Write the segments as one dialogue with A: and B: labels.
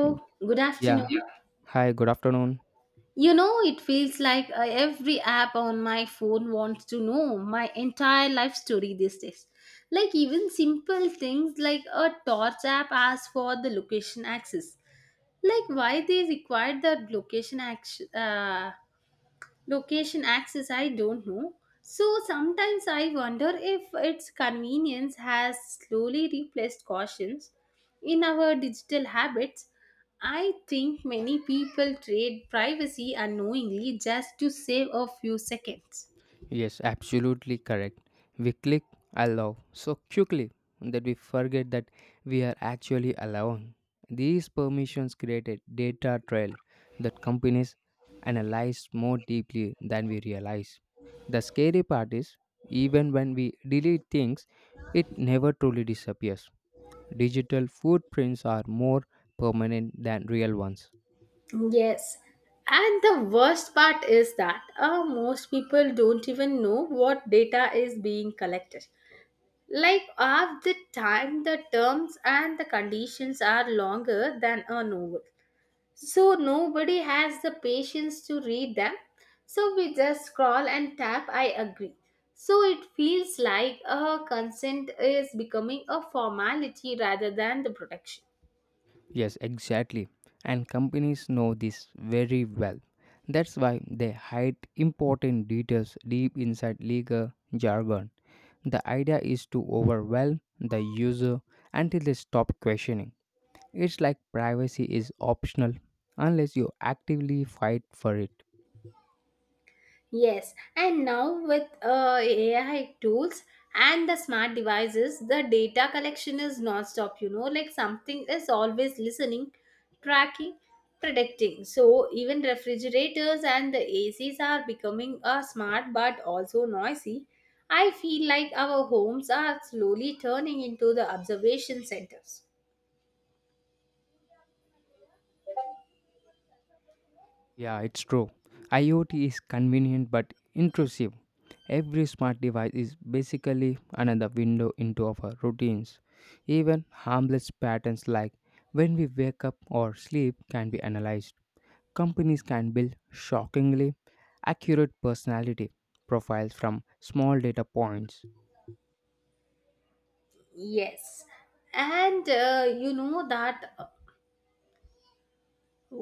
A: Hmm.
B: good afternoon.
A: Yeah. Hi, good afternoon.
B: It feels like every app on my phone wants to know my entire life story these days. Like, even simple things like a torch app asks for the location access. Like, why they require that location access, I don't know. So sometimes I wonder if its convenience has slowly replaced cautions in our digital habits. I think many people trade privacy unknowingly just to save a few seconds.
A: Yes, absolutely correct. We click allow so quickly that we forget that we are actually allowing. These permissions create a data trail that companies analyze more deeply than we realize. The scary part is, even when we delete things, it never truly disappears. Digital footprints are more permanent than real ones.
B: Yes. And the worst part is that most people don't even know what data is being collected. Like half the time, the terms and the conditions are longer than a novel. So nobody has the patience to read them. So we just scroll and tap, I agree. So it feels like a consent is becoming a formality rather than the protection.
A: Yes, exactly. And companies know this very well. That's why they hide important details deep inside legal jargon. The idea is to overwhelm the user until they stop questioning. It's like privacy is optional unless you actively fight for it.
B: Yes, and now with AI tools and the smart devices, the data collection is non-stop, like something is always listening, tracking, predicting. So even refrigerators and the ACs are becoming smart but also noisy. I feel like our homes are slowly turning into the observation centers.
A: Yeah, it's true. IoT is convenient but intrusive. Every smart device is basically another window into our routines. Even harmless patterns like when we wake up or sleep can be analyzed. Companies can build shockingly accurate personality profiles from small data points.
B: Yes. And you know that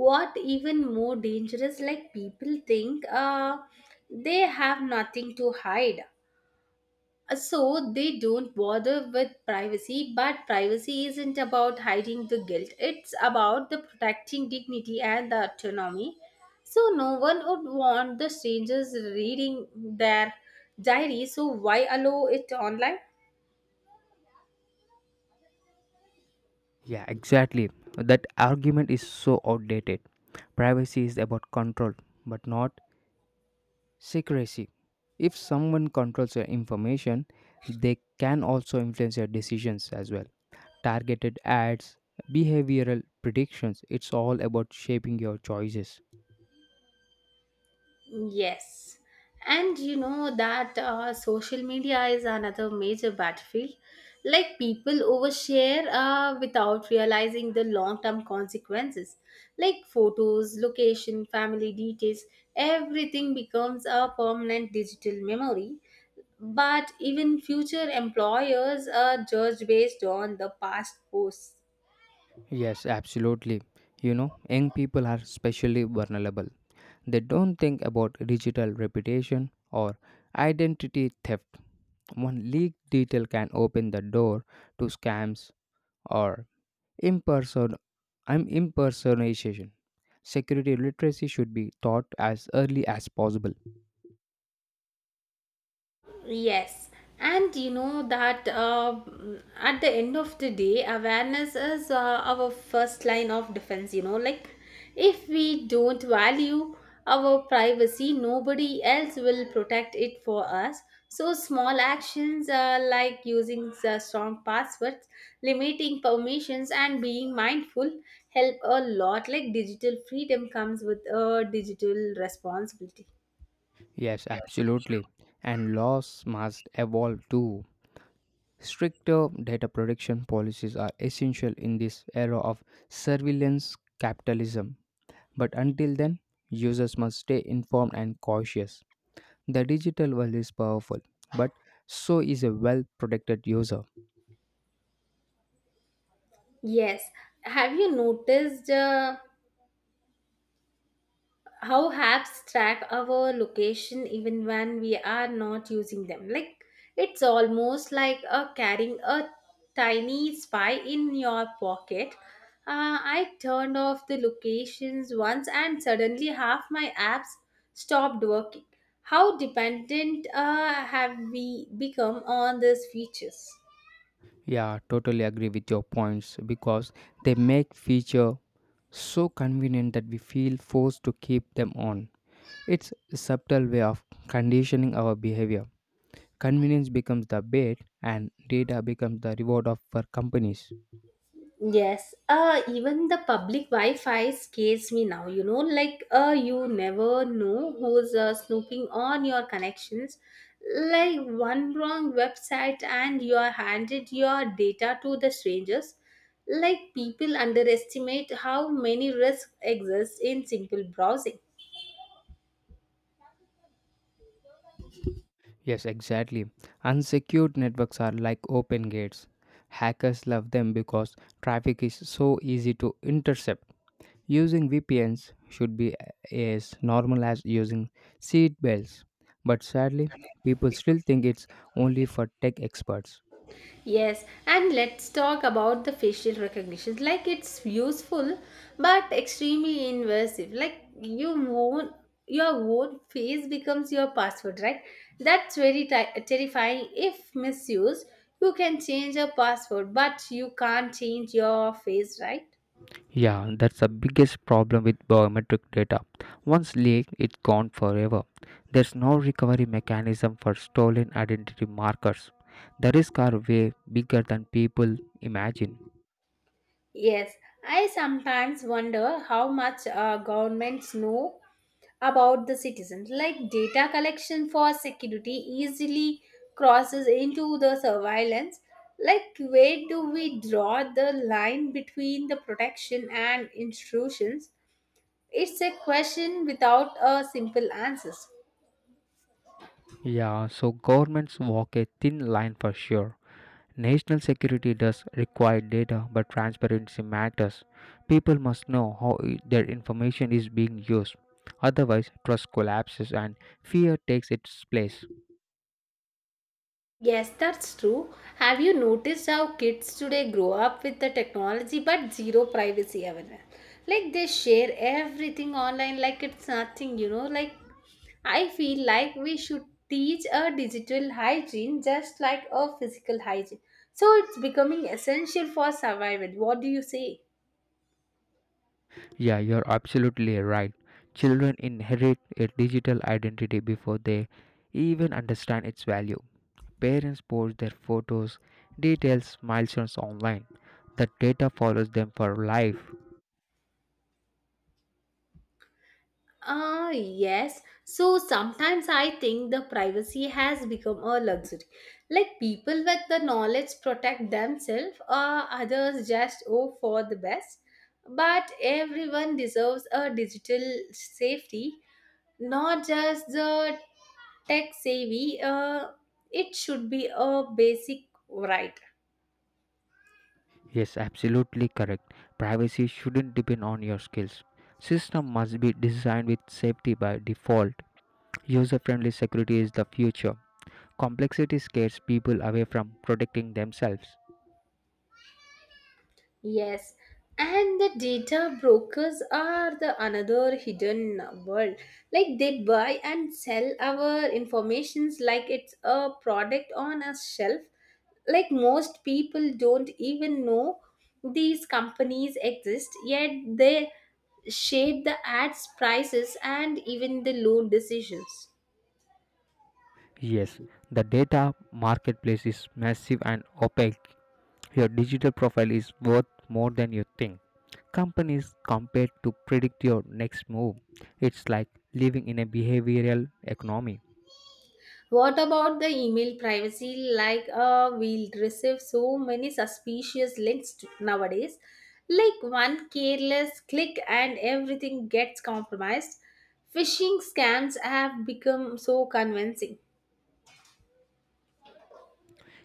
B: what even more dangerous, like people think they have nothing to hide, so they don't bother with privacy, but privacy isn't about hiding the guilt, it's about the protecting dignity and the autonomy. So no one would want the strangers reading their diary, so why allow it online?
A: Yeah, exactly. That argument is so outdated. Privacy is about control, but not secrecy. If someone controls your information, they can also influence your decisions as well. Targeted ads, behavioral predictions, it's all about shaping your choices.
B: Yes. And you know that social media is another major battlefield. Like people overshare without realizing the long term consequences. Like photos, location, family details, everything becomes a permanent digital memory. But even future employers are judged based on the past posts.
A: Yes, absolutely. You know, young people are especially vulnerable. They don't think about digital reputation or identity theft. One leaked detail can open the door to scams or impersonal I'm impersonation. Security literacy should be taught as early as possible.
B: Yes, and you know that at the end of the day, awareness is our first line of defense. Like if we don't value our privacy, nobody else will protect it for us. So, small actions like using strong passwords, limiting permissions, and being mindful help a lot. Like digital freedom comes with a digital responsibility.
A: Yes, absolutely. And laws must evolve too. Stricter data protection policies are essential in this era of surveillance capitalism. But until then, users must stay informed and cautious. The digital world is powerful, but so is a well protected user.
B: Yes. Have you noticed how apps track our location even when we are not using them? Like it's almost like a carrying a tiny spy in your pocket. I turned off the locations once and suddenly half my apps stopped working. How dependent have we become on these features?
A: Yeah, totally agree with your points because they make feature so convenient that we feel forced to keep them on. It's a subtle way of conditioning our behavior. Convenience becomes the bait and data becomes the reward of for companies.
B: Yes, even the public Wi-Fi scares me now. Like you never know who's snooping on your connections. Like one wrong website, and you are handed your data to the strangers. Like people underestimate how many risks exist in simple browsing.
A: Yes, exactly. Unsecured networks are like open gates. Hackers love them because traffic is so easy to intercept. Using VPNs should be as normal as using seat belts, but sadly, people still think it's only for tech experts.
B: Yes, and let's talk about the facial recognition. Like it's useful, but extremely invasive. Like your own face becomes your password, right? That's very terrifying. If misused, you can change your password, but you can't change your face, right?
A: Yeah, that's the biggest problem with biometric data. Once leaked, it's gone forever. There's no recovery mechanism for stolen identity markers. The risks are way bigger than people imagine.
B: Yes, I sometimes wonder how much governments know about the citizens. Like data collection for security easily crosses into the surveillance. Like, where do we draw the line between the protection and intrusions? It's a question without a simple answers.
A: Yeah, so governments walk a thin line for sure. National security does require data, but transparency matters. People must know how their information is being used. Otherwise, trust collapses and fear takes its place.
B: Yes, that's true. Have you noticed how kids today grow up with the technology but zero privacy awareness? Like they share everything online like it's nothing, Like I feel like we should teach a digital hygiene just like a physical hygiene. So it's becoming essential for survival. What do you say?
A: Yeah, you're absolutely right. Children inherit a digital identity before they even understand its value. Parents post their photos, details, milestones online. The data follows them for life.
B: Yes. So sometimes I think the privacy has become a luxury. Like people with the knowledge protect themselves, or others just hope for the best. But everyone deserves a digital safety, not just the tech savvy. It should be a basic right.
A: Yes, absolutely correct. Privacy shouldn't depend on your skills. System must be designed with safety by default. User-friendly security is the future. Complexity scares people away from protecting themselves.
B: Yes, and the data brokers are the another hidden world. Like they buy and sell our informations like it's a product on a shelf. Like most people don't even know these companies exist, yet they shape the ads, prices, and even the loan decisions.
A: Yes, the data marketplace is massive and opaque. Your digital profile is worth more than you think. Companies compete to predict your next move. It's like living in a behavioral economy.
B: What about the email privacy? Like, we'll receive so many suspicious nowadays. Like, one careless click and everything gets compromised. Phishing scams have become so convincing.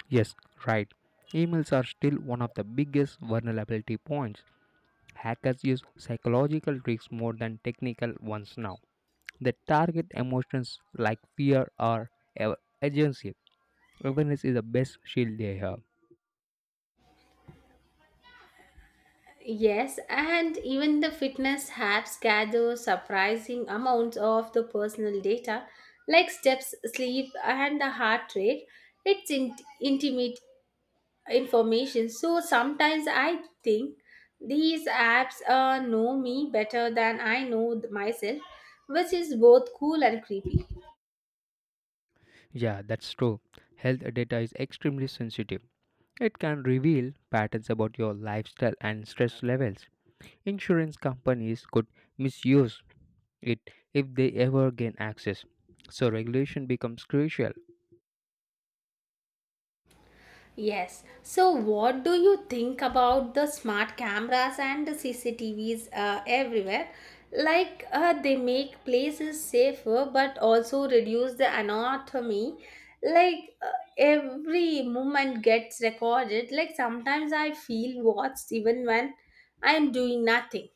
A: Yes, right. Emails are still one of the biggest vulnerability points. Hackers use psychological tricks more than technical ones now. They target emotions like fear or ur- urgency. Awareness is the best shield they have.
B: Yes, and even the fitness apps gather surprising amounts of the personal data, like steps, sleep, and the heart rate. It's intimate information. So sometimes I think these apps know me better than I know myself, which is both cool and creepy.
A: Yeah, that's true. Health data is extremely sensitive. It can reveal patterns about your lifestyle and stress levels. Insurance companies could misuse it if they ever gain access. So, regulation becomes crucial.
B: Yes. So, what do you think about the smart cameras and the CCTVs everywhere? Like they make places safer, but also reduce the anatomy. Like every movement gets recorded. Like sometimes I feel watched even when I'm doing nothing.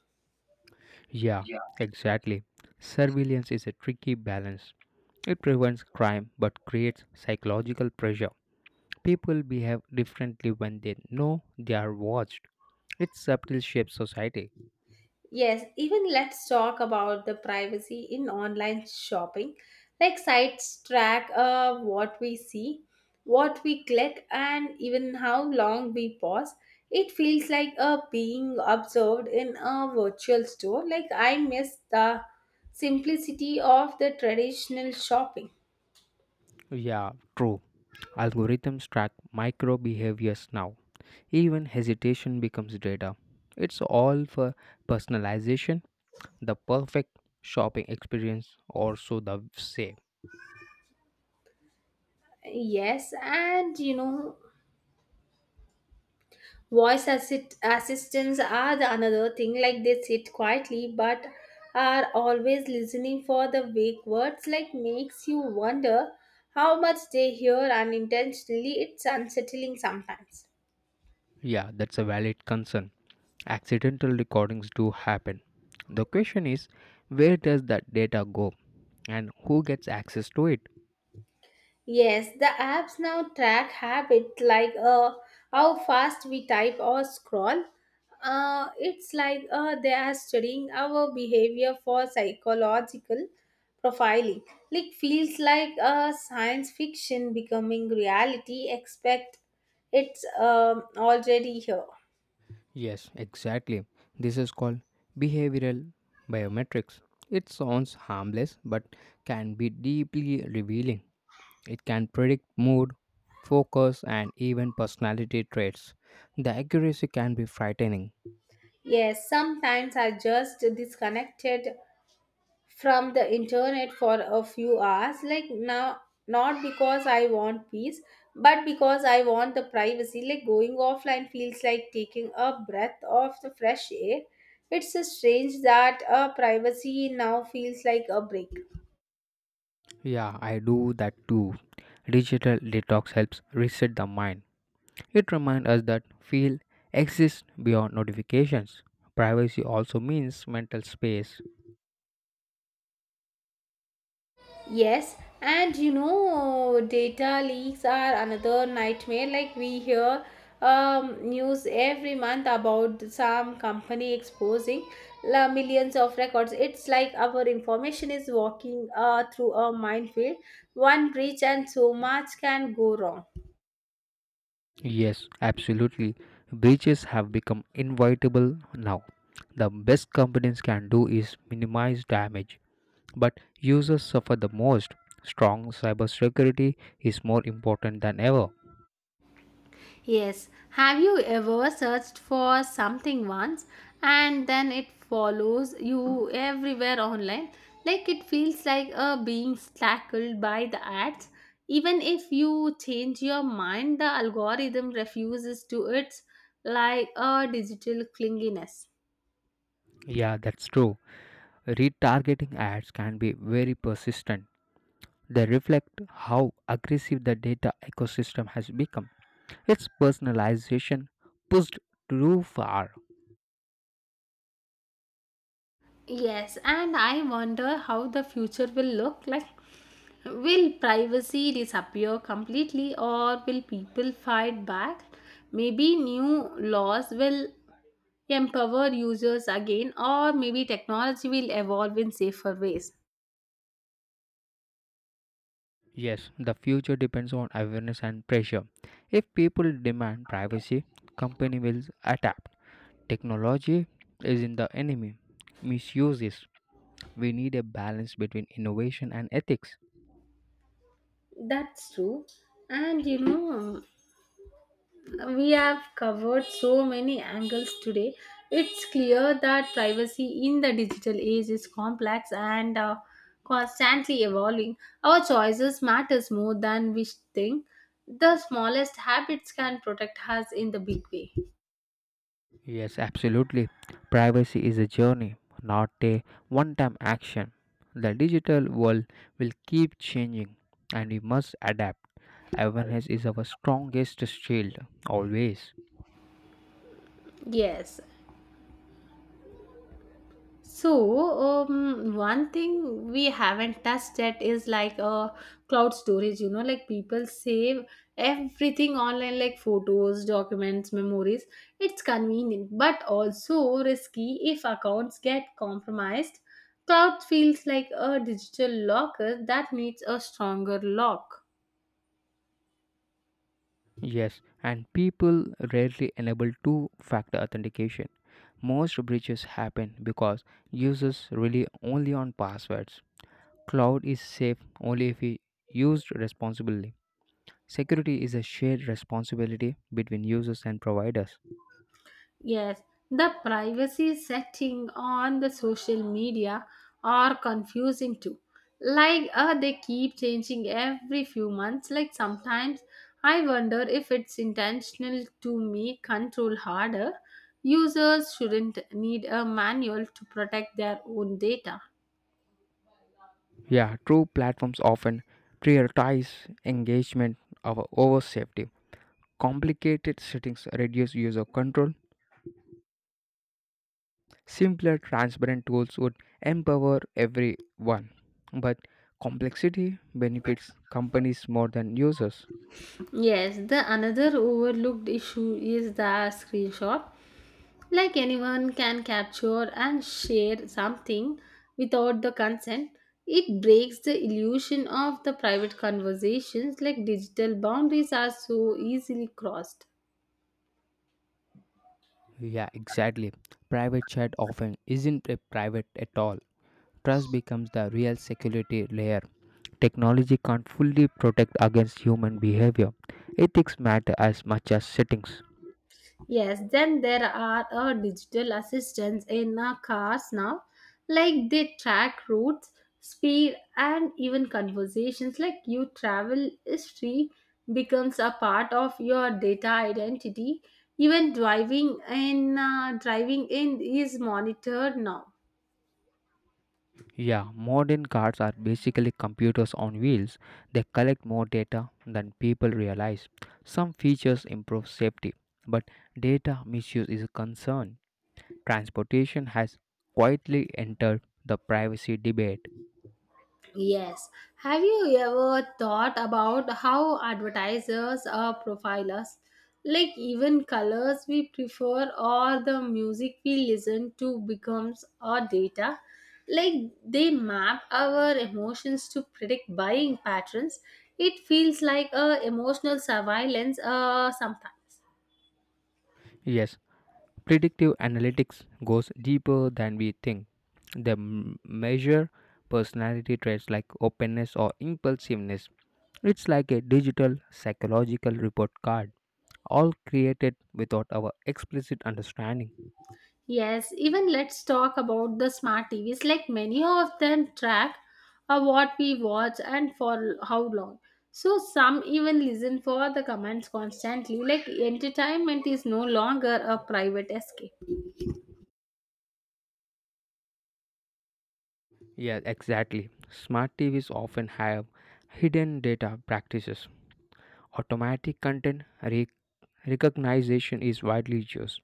A: Yeah,
B: Yeah.
A: exactly. Surveillance is a tricky balance. It prevents crime but creates psychological pressure. People behave differently when they know they are watched. It subtly shapes society.
B: Yes, even let's talk about the privacy in online shopping. Like sites track what we see, what we click, and even how long we pause. It feels like being observed in a virtual store. Like I miss the simplicity of the traditional shopping.
A: Yeah, true. Algorithms track micro behaviors now. Even hesitation becomes data. It's all for personalization, the perfect shopping experience, or so the say.
B: Yes, and voice assistants are the another thing, like they sit quietly but are always listening for the vague words, like makes you wonder how much they hear unintentionally. It's unsettling sometimes.
A: Yeah, that's a valid concern. Accidental recordings do happen. The question is, where does that data go and who gets access to it?
B: Yes, the apps now track habit like how fast we type or scroll. It's like they are studying our behavior for psychological profiling. Like feels like science fiction becoming reality. Expect it's already here.
A: Yes, exactly. This is called behavioral biometrics. It sounds harmless but can be deeply revealing. It can predict mood, focus, and even personality traits. The accuracy can be frightening.
B: Yes, sometimes I just disconnected from the internet for a few hours like now, not because I want peace but because I want the privacy. Like going offline feels like taking a breath of the fresh air. It's strange that a privacy now feels like a break.
A: Yeah, I do that too. Digital detox helps reset the mind. It reminds us that feel exists beyond notifications. Privacy also means mental space.
B: Yes, and data leaks are another nightmare. Like we hear news every month about some company exposing la millions of records. It's like our information is walking through a minefield. One breach, and so much can go wrong.
A: Yes, absolutely. Breaches have become inevitable now. The best companies can do is minimize damage, but users suffer the most. Strong cybersecurity is more important than ever.
B: Yes, have you ever searched for something once and then it follows you everywhere online? Like it feels like being tackled by the ads. Even if you change your mind, the algorithm refuses to. It's like a digital clinginess.
A: Yeah, that's true. Retargeting ads can be very persistent. They reflect how aggressive the data ecosystem has become. Its personalization pushed too far.
B: Yes, and I wonder how the future will look like. Will privacy disappear completely or will people fight back? Maybe new laws will empower users again, or maybe technology will evolve in safer ways.
A: Yes, the future depends on awareness and pressure. If people demand privacy, company will adapt. Technology is not the enemy. Misuse is. We need a balance between innovation and ethics.
B: That's true. And we have covered so many angles today. It's clear that privacy in the digital age is complex and constantly evolving. Our choices matters more than we think. The smallest habits can protect us in the big way.
A: Yes, absolutely. Privacy is a journey, not a one-time action. The digital world will keep changing and we must adapt. Awareness is our strongest shield always.
B: Yes. So, one thing we haven't touched yet is like cloud storage. Like people save everything online, like photos, documents, memories. It's convenient, but also risky if accounts get compromised. Cloud feels like a digital locker that needs a stronger lock.
A: Yes, and people rarely enable two factor authentication. Most breaches happen because users rely only on passwords. Cloud is safe only if it used responsibly. Security is a shared responsibility between users and providers.
B: Yes, the privacy setting on the social media are confusing too. Like they keep changing every few months. Like sometimes I wonder if it's intentional to make control harder. Users shouldn't need a manual to protect their own data.
A: Yeah, true. Platforms often prioritize engagement over safety. Complicated settings reduce user control. Simpler, transparent tools would empower everyone, but complexity benefits companies more than users.
B: Yes, the another overlooked issue is the screenshot. Like anyone can capture and share something without the consent. It breaks the illusion of the private conversations. Like digital boundaries are so easily crossed.
A: Yeah, exactly. Private chat often isn't a private at all. Trust becomes the real security layer. Technology can't fully protect against human behavior. Ethics matter as much as settings.
B: Yes, then there are digital assistants in our cars now, like they track routes, speed, and even conversations. Like your travel history becomes a part of your data identity. Even driving in is monitored now.
A: Yeah, modern cars are basically computers on wheels. They collect more data than people realize. Some features improve safety, but data misuse is a concern. Transportation has quietly entered the privacy debate.
B: Yes. Have you ever thought about how advertisers are profilers? Like even colors we prefer or the music we listen to becomes our data. Like they map our emotions to predict buying patterns. It feels like a emotional surveillance sometimes.
A: Yes, predictive analytics goes deeper than we think. They measure personality traits like openness or impulsiveness. It's like a digital psychological report card, all created without our explicit understanding.
B: Yes, even let's talk about the smart TVs. Like many of them track what we watch and for how long. So some even listen for the comments constantly. Like entertainment is no longer a private escape.
A: Yeah, exactly. Smart TVs often have hidden data practices. Automatic content recognition is widely used.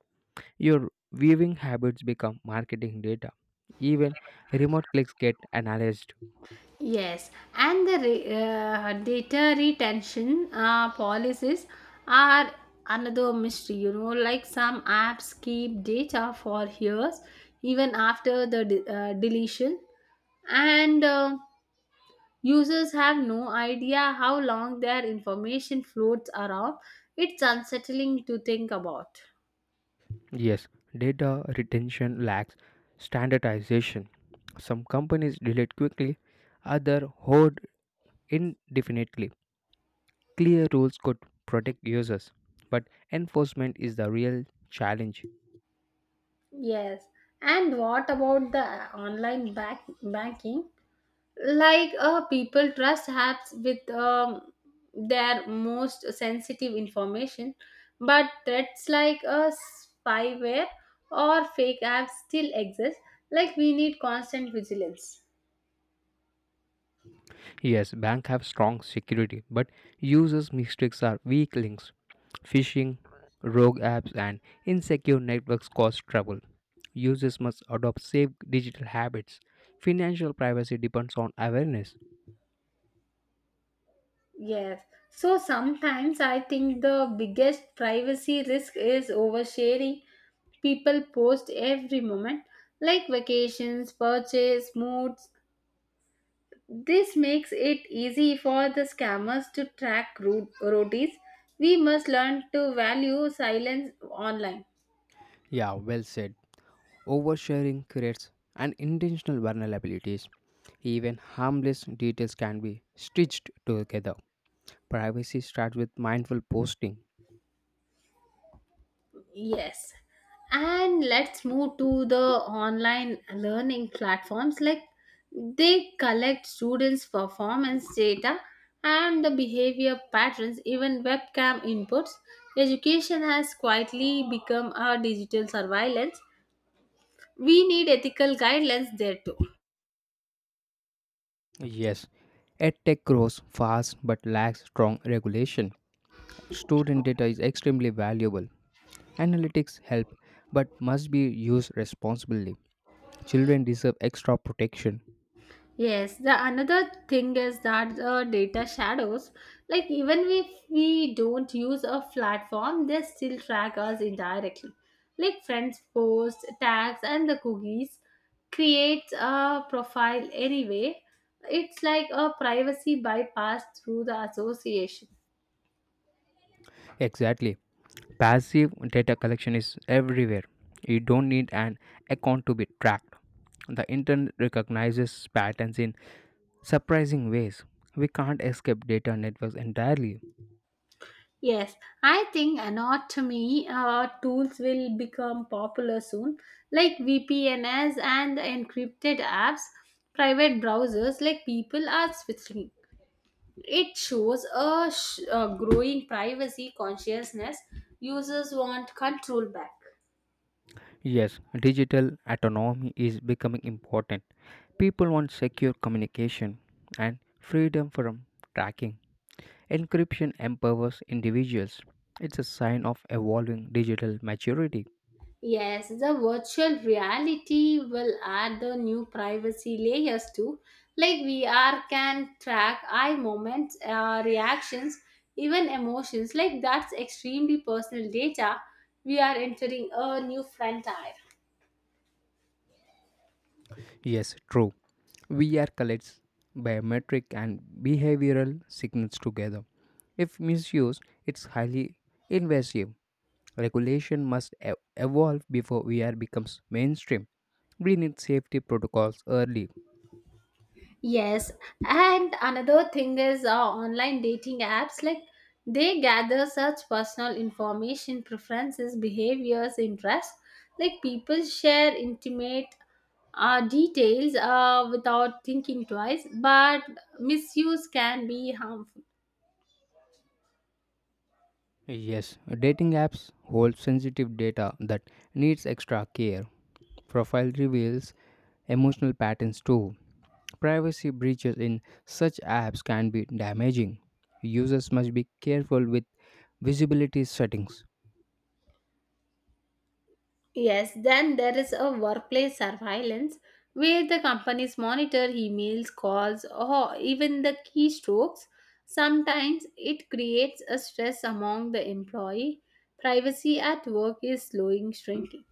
A: Your viewing habits become marketing data. Even remote clicks get analyzed.
B: Yes, and the data retention policies are another mystery. Like some apps keep data for years even after the deletion and. Users have no idea how long their information floats around. It's unsettling to think about.
A: Yes, data retention lacks standardization. Some companies delete quickly, others hoard indefinitely. Clear rules could protect users, but enforcement is the real challenge.
B: Yes. And what about the online banking? Like people trust apps with their most sensitive information, but threats like spyware or fake apps still exist. Like we need constant vigilance.
A: Yes, bank have strong security, but users' mistakes are weak links. Phishing, rogue apps, and insecure networks cause trouble. Users must adopt safe digital habits. Financial privacy depends on awareness.
B: Yes. So sometimes I think the biggest privacy risk is oversharing. People post every moment, like vacations, purchase, moods. This makes it easy for the scammers to track route roadies. We must learn to value silence online.
A: Yeah, well said. Oversharing creates an intentional vulnerabilities. Even harmless details can be stitched together. Privacy starts with mindful posting.
B: Yes. And let's move to the online learning platforms. Like they collect students' performance data and the behavior patterns, even webcam inputs. Education has quietly become a digital surveillance. We need ethical guidelines there too.
A: Yes, EdTech grows fast but lacks strong regulation. Student data is extremely valuable. Analytics help but must be used responsibly. Children deserve extra protection.
B: Yes, the another thing is that the data shadows, like even if we don't use a platform, they still track us indirectly. Like friends posts, tags, and the cookies create a profile anyway. It's like a privacy bypass through the association.
A: Exactly. Passive data collection is everywhere. You don't need an account to be tracked. The internet recognizes patterns in surprising ways. We can't escape data networks entirely.
B: Yes, I think anatomy tools will become popular soon, like VPNs and encrypted apps, private browsers, like people are switching. It shows a growing privacy consciousness. Users want control back.
A: Yes, digital autonomy is becoming important. People want secure communication and freedom from tracking. Encryption empowers individuals. It's a sign of evolving digital maturity.
B: Yes, the virtual reality will add the new privacy layers too. Like VR can track eye movements, reactions, even emotions. Like that's extremely personal data. We are entering a new frontier.
A: Yes, true. VR collects biometric and behavioral signals together. If misused, it's highly invasive. Regulation must evolve before VR becomes mainstream. We need safety protocols early.
B: Yes, and another thing is online dating apps, like they gather such personal information, preferences, behaviors, interests. Like people share intimate details without thinking twice, but misuse can be harmful.
A: Yes, dating apps hold sensitive data that needs extra care. Profile reveals emotional patterns too. Privacy breaches in such apps can be damaging. Users must be careful with visibility settings.
B: Yes, then there is a workplace surveillance where the companies monitor emails, calls, or even the keystrokes. Sometimes it creates a stress among the employee. Privacy at work is slowing shrinking.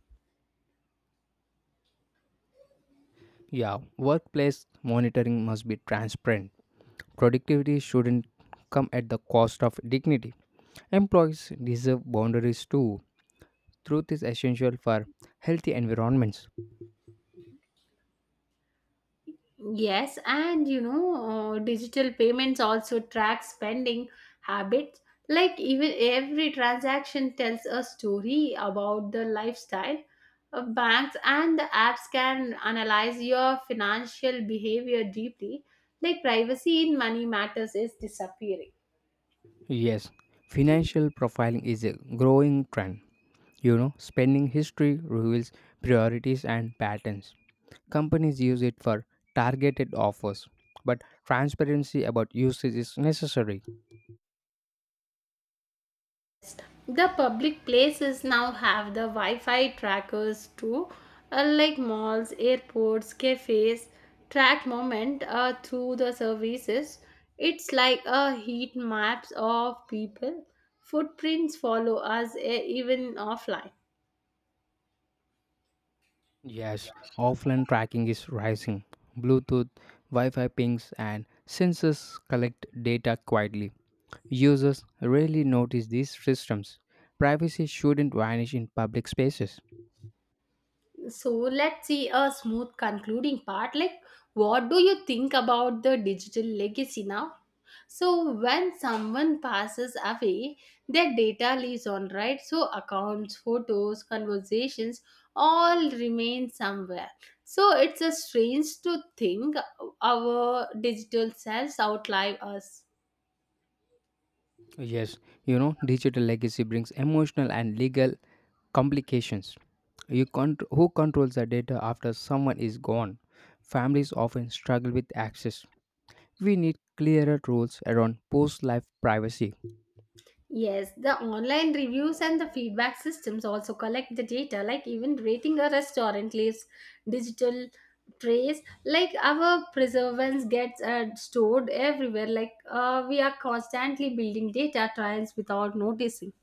A: Yeah, workplace monitoring must be transparent. Productivity shouldn't come at the cost of dignity. Employees deserve boundaries too. Truth is essential for healthy environments.
B: Yes, and digital payments also track spending habits. Like even every transaction tells a story about the lifestyle of banks, and the apps can analyze your financial behavior deeply. Like privacy in money matters is disappearing.
A: Yes, financial profiling is a growing trend. You know, spending history reveals priorities and patterns. Companies use it for targeted offers, but transparency about usage is necessary.
B: The public places now have the Wi-Fi trackers too, like malls, airports, cafes track moment through the services. It's like a heat maps of people footprints follow us even offline.
A: Yes, offline tracking is rising. Bluetooth, Wi Fi pings, and sensors collect data quietly. Users rarely notice these systems. Privacy shouldn't vanish in public spaces.
B: So let's see a smooth concluding part. Like, what do you think about the digital legacy now? So, when someone passes away, their data lives on, right? So, accounts, photos, conversations all remain somewhere. So, it's a strange to think our digital selves outlive us.
A: Yes, you know, digital legacy brings emotional and legal complications. Who controls the data after someone is gone? Families often struggle with access. We need clearer rules around post life privacy.
B: Yes, the online reviews and the feedback systems also collect the data, like even rating a restaurant leaves digital trace. Like our preservance gets stored everywhere. Like we are constantly building data trends without noticing.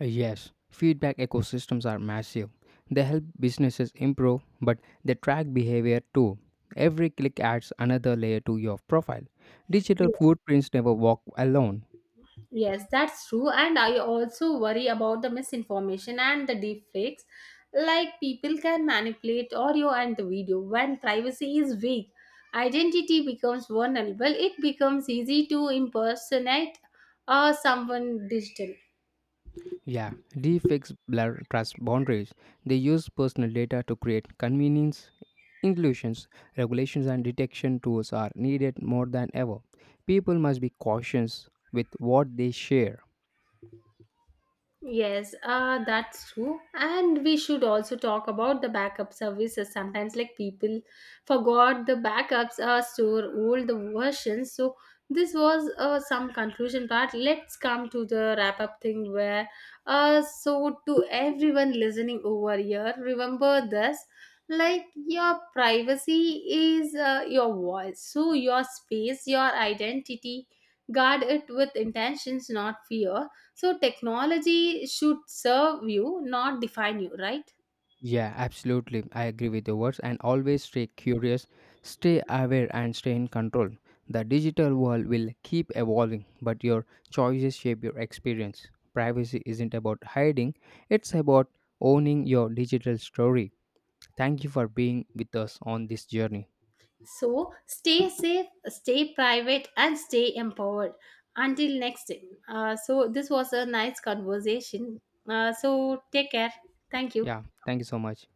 A: Yes feedback ecosystems are massive. They help businesses improve, but they track behavior too. Every click adds another layer to your profile. Digital footprints never walk alone.
B: Yes, that's true. And I also worry about the misinformation and the deepfakes. Like people can manipulate audio and the video when privacy is weak. Identity becomes vulnerable. It becomes easy to impersonate someone digital.
A: Yeah, deepfakes blur trust boundaries. They use personal data to create convenience illusions. Regulations and detection tools are needed more than ever. People must be cautious with what they share.
B: Yes, that's true. And we should also talk about the backup services. Sometimes, like people forgot the backups store all the versions. So this was some conclusion part. Let's come to the wrap up thing where, so to everyone listening over here, remember this: like your privacy is your voice, so your space, your identity. Guard it with intentions, not fear. So technology should serve you, not define you, right?
A: Yeah, absolutely. I agree with your words and always stay curious, stay aware, and stay in control. The digital world will keep evolving, but your choices shape your experience. Privacy isn't about hiding, it's about owning your digital story. Thank you for being with us on this journey.
B: So stay safe, stay private, and stay empowered. Until next time. So this was a nice conversation. So take care. Thank you.
A: Yeah, thank you so much.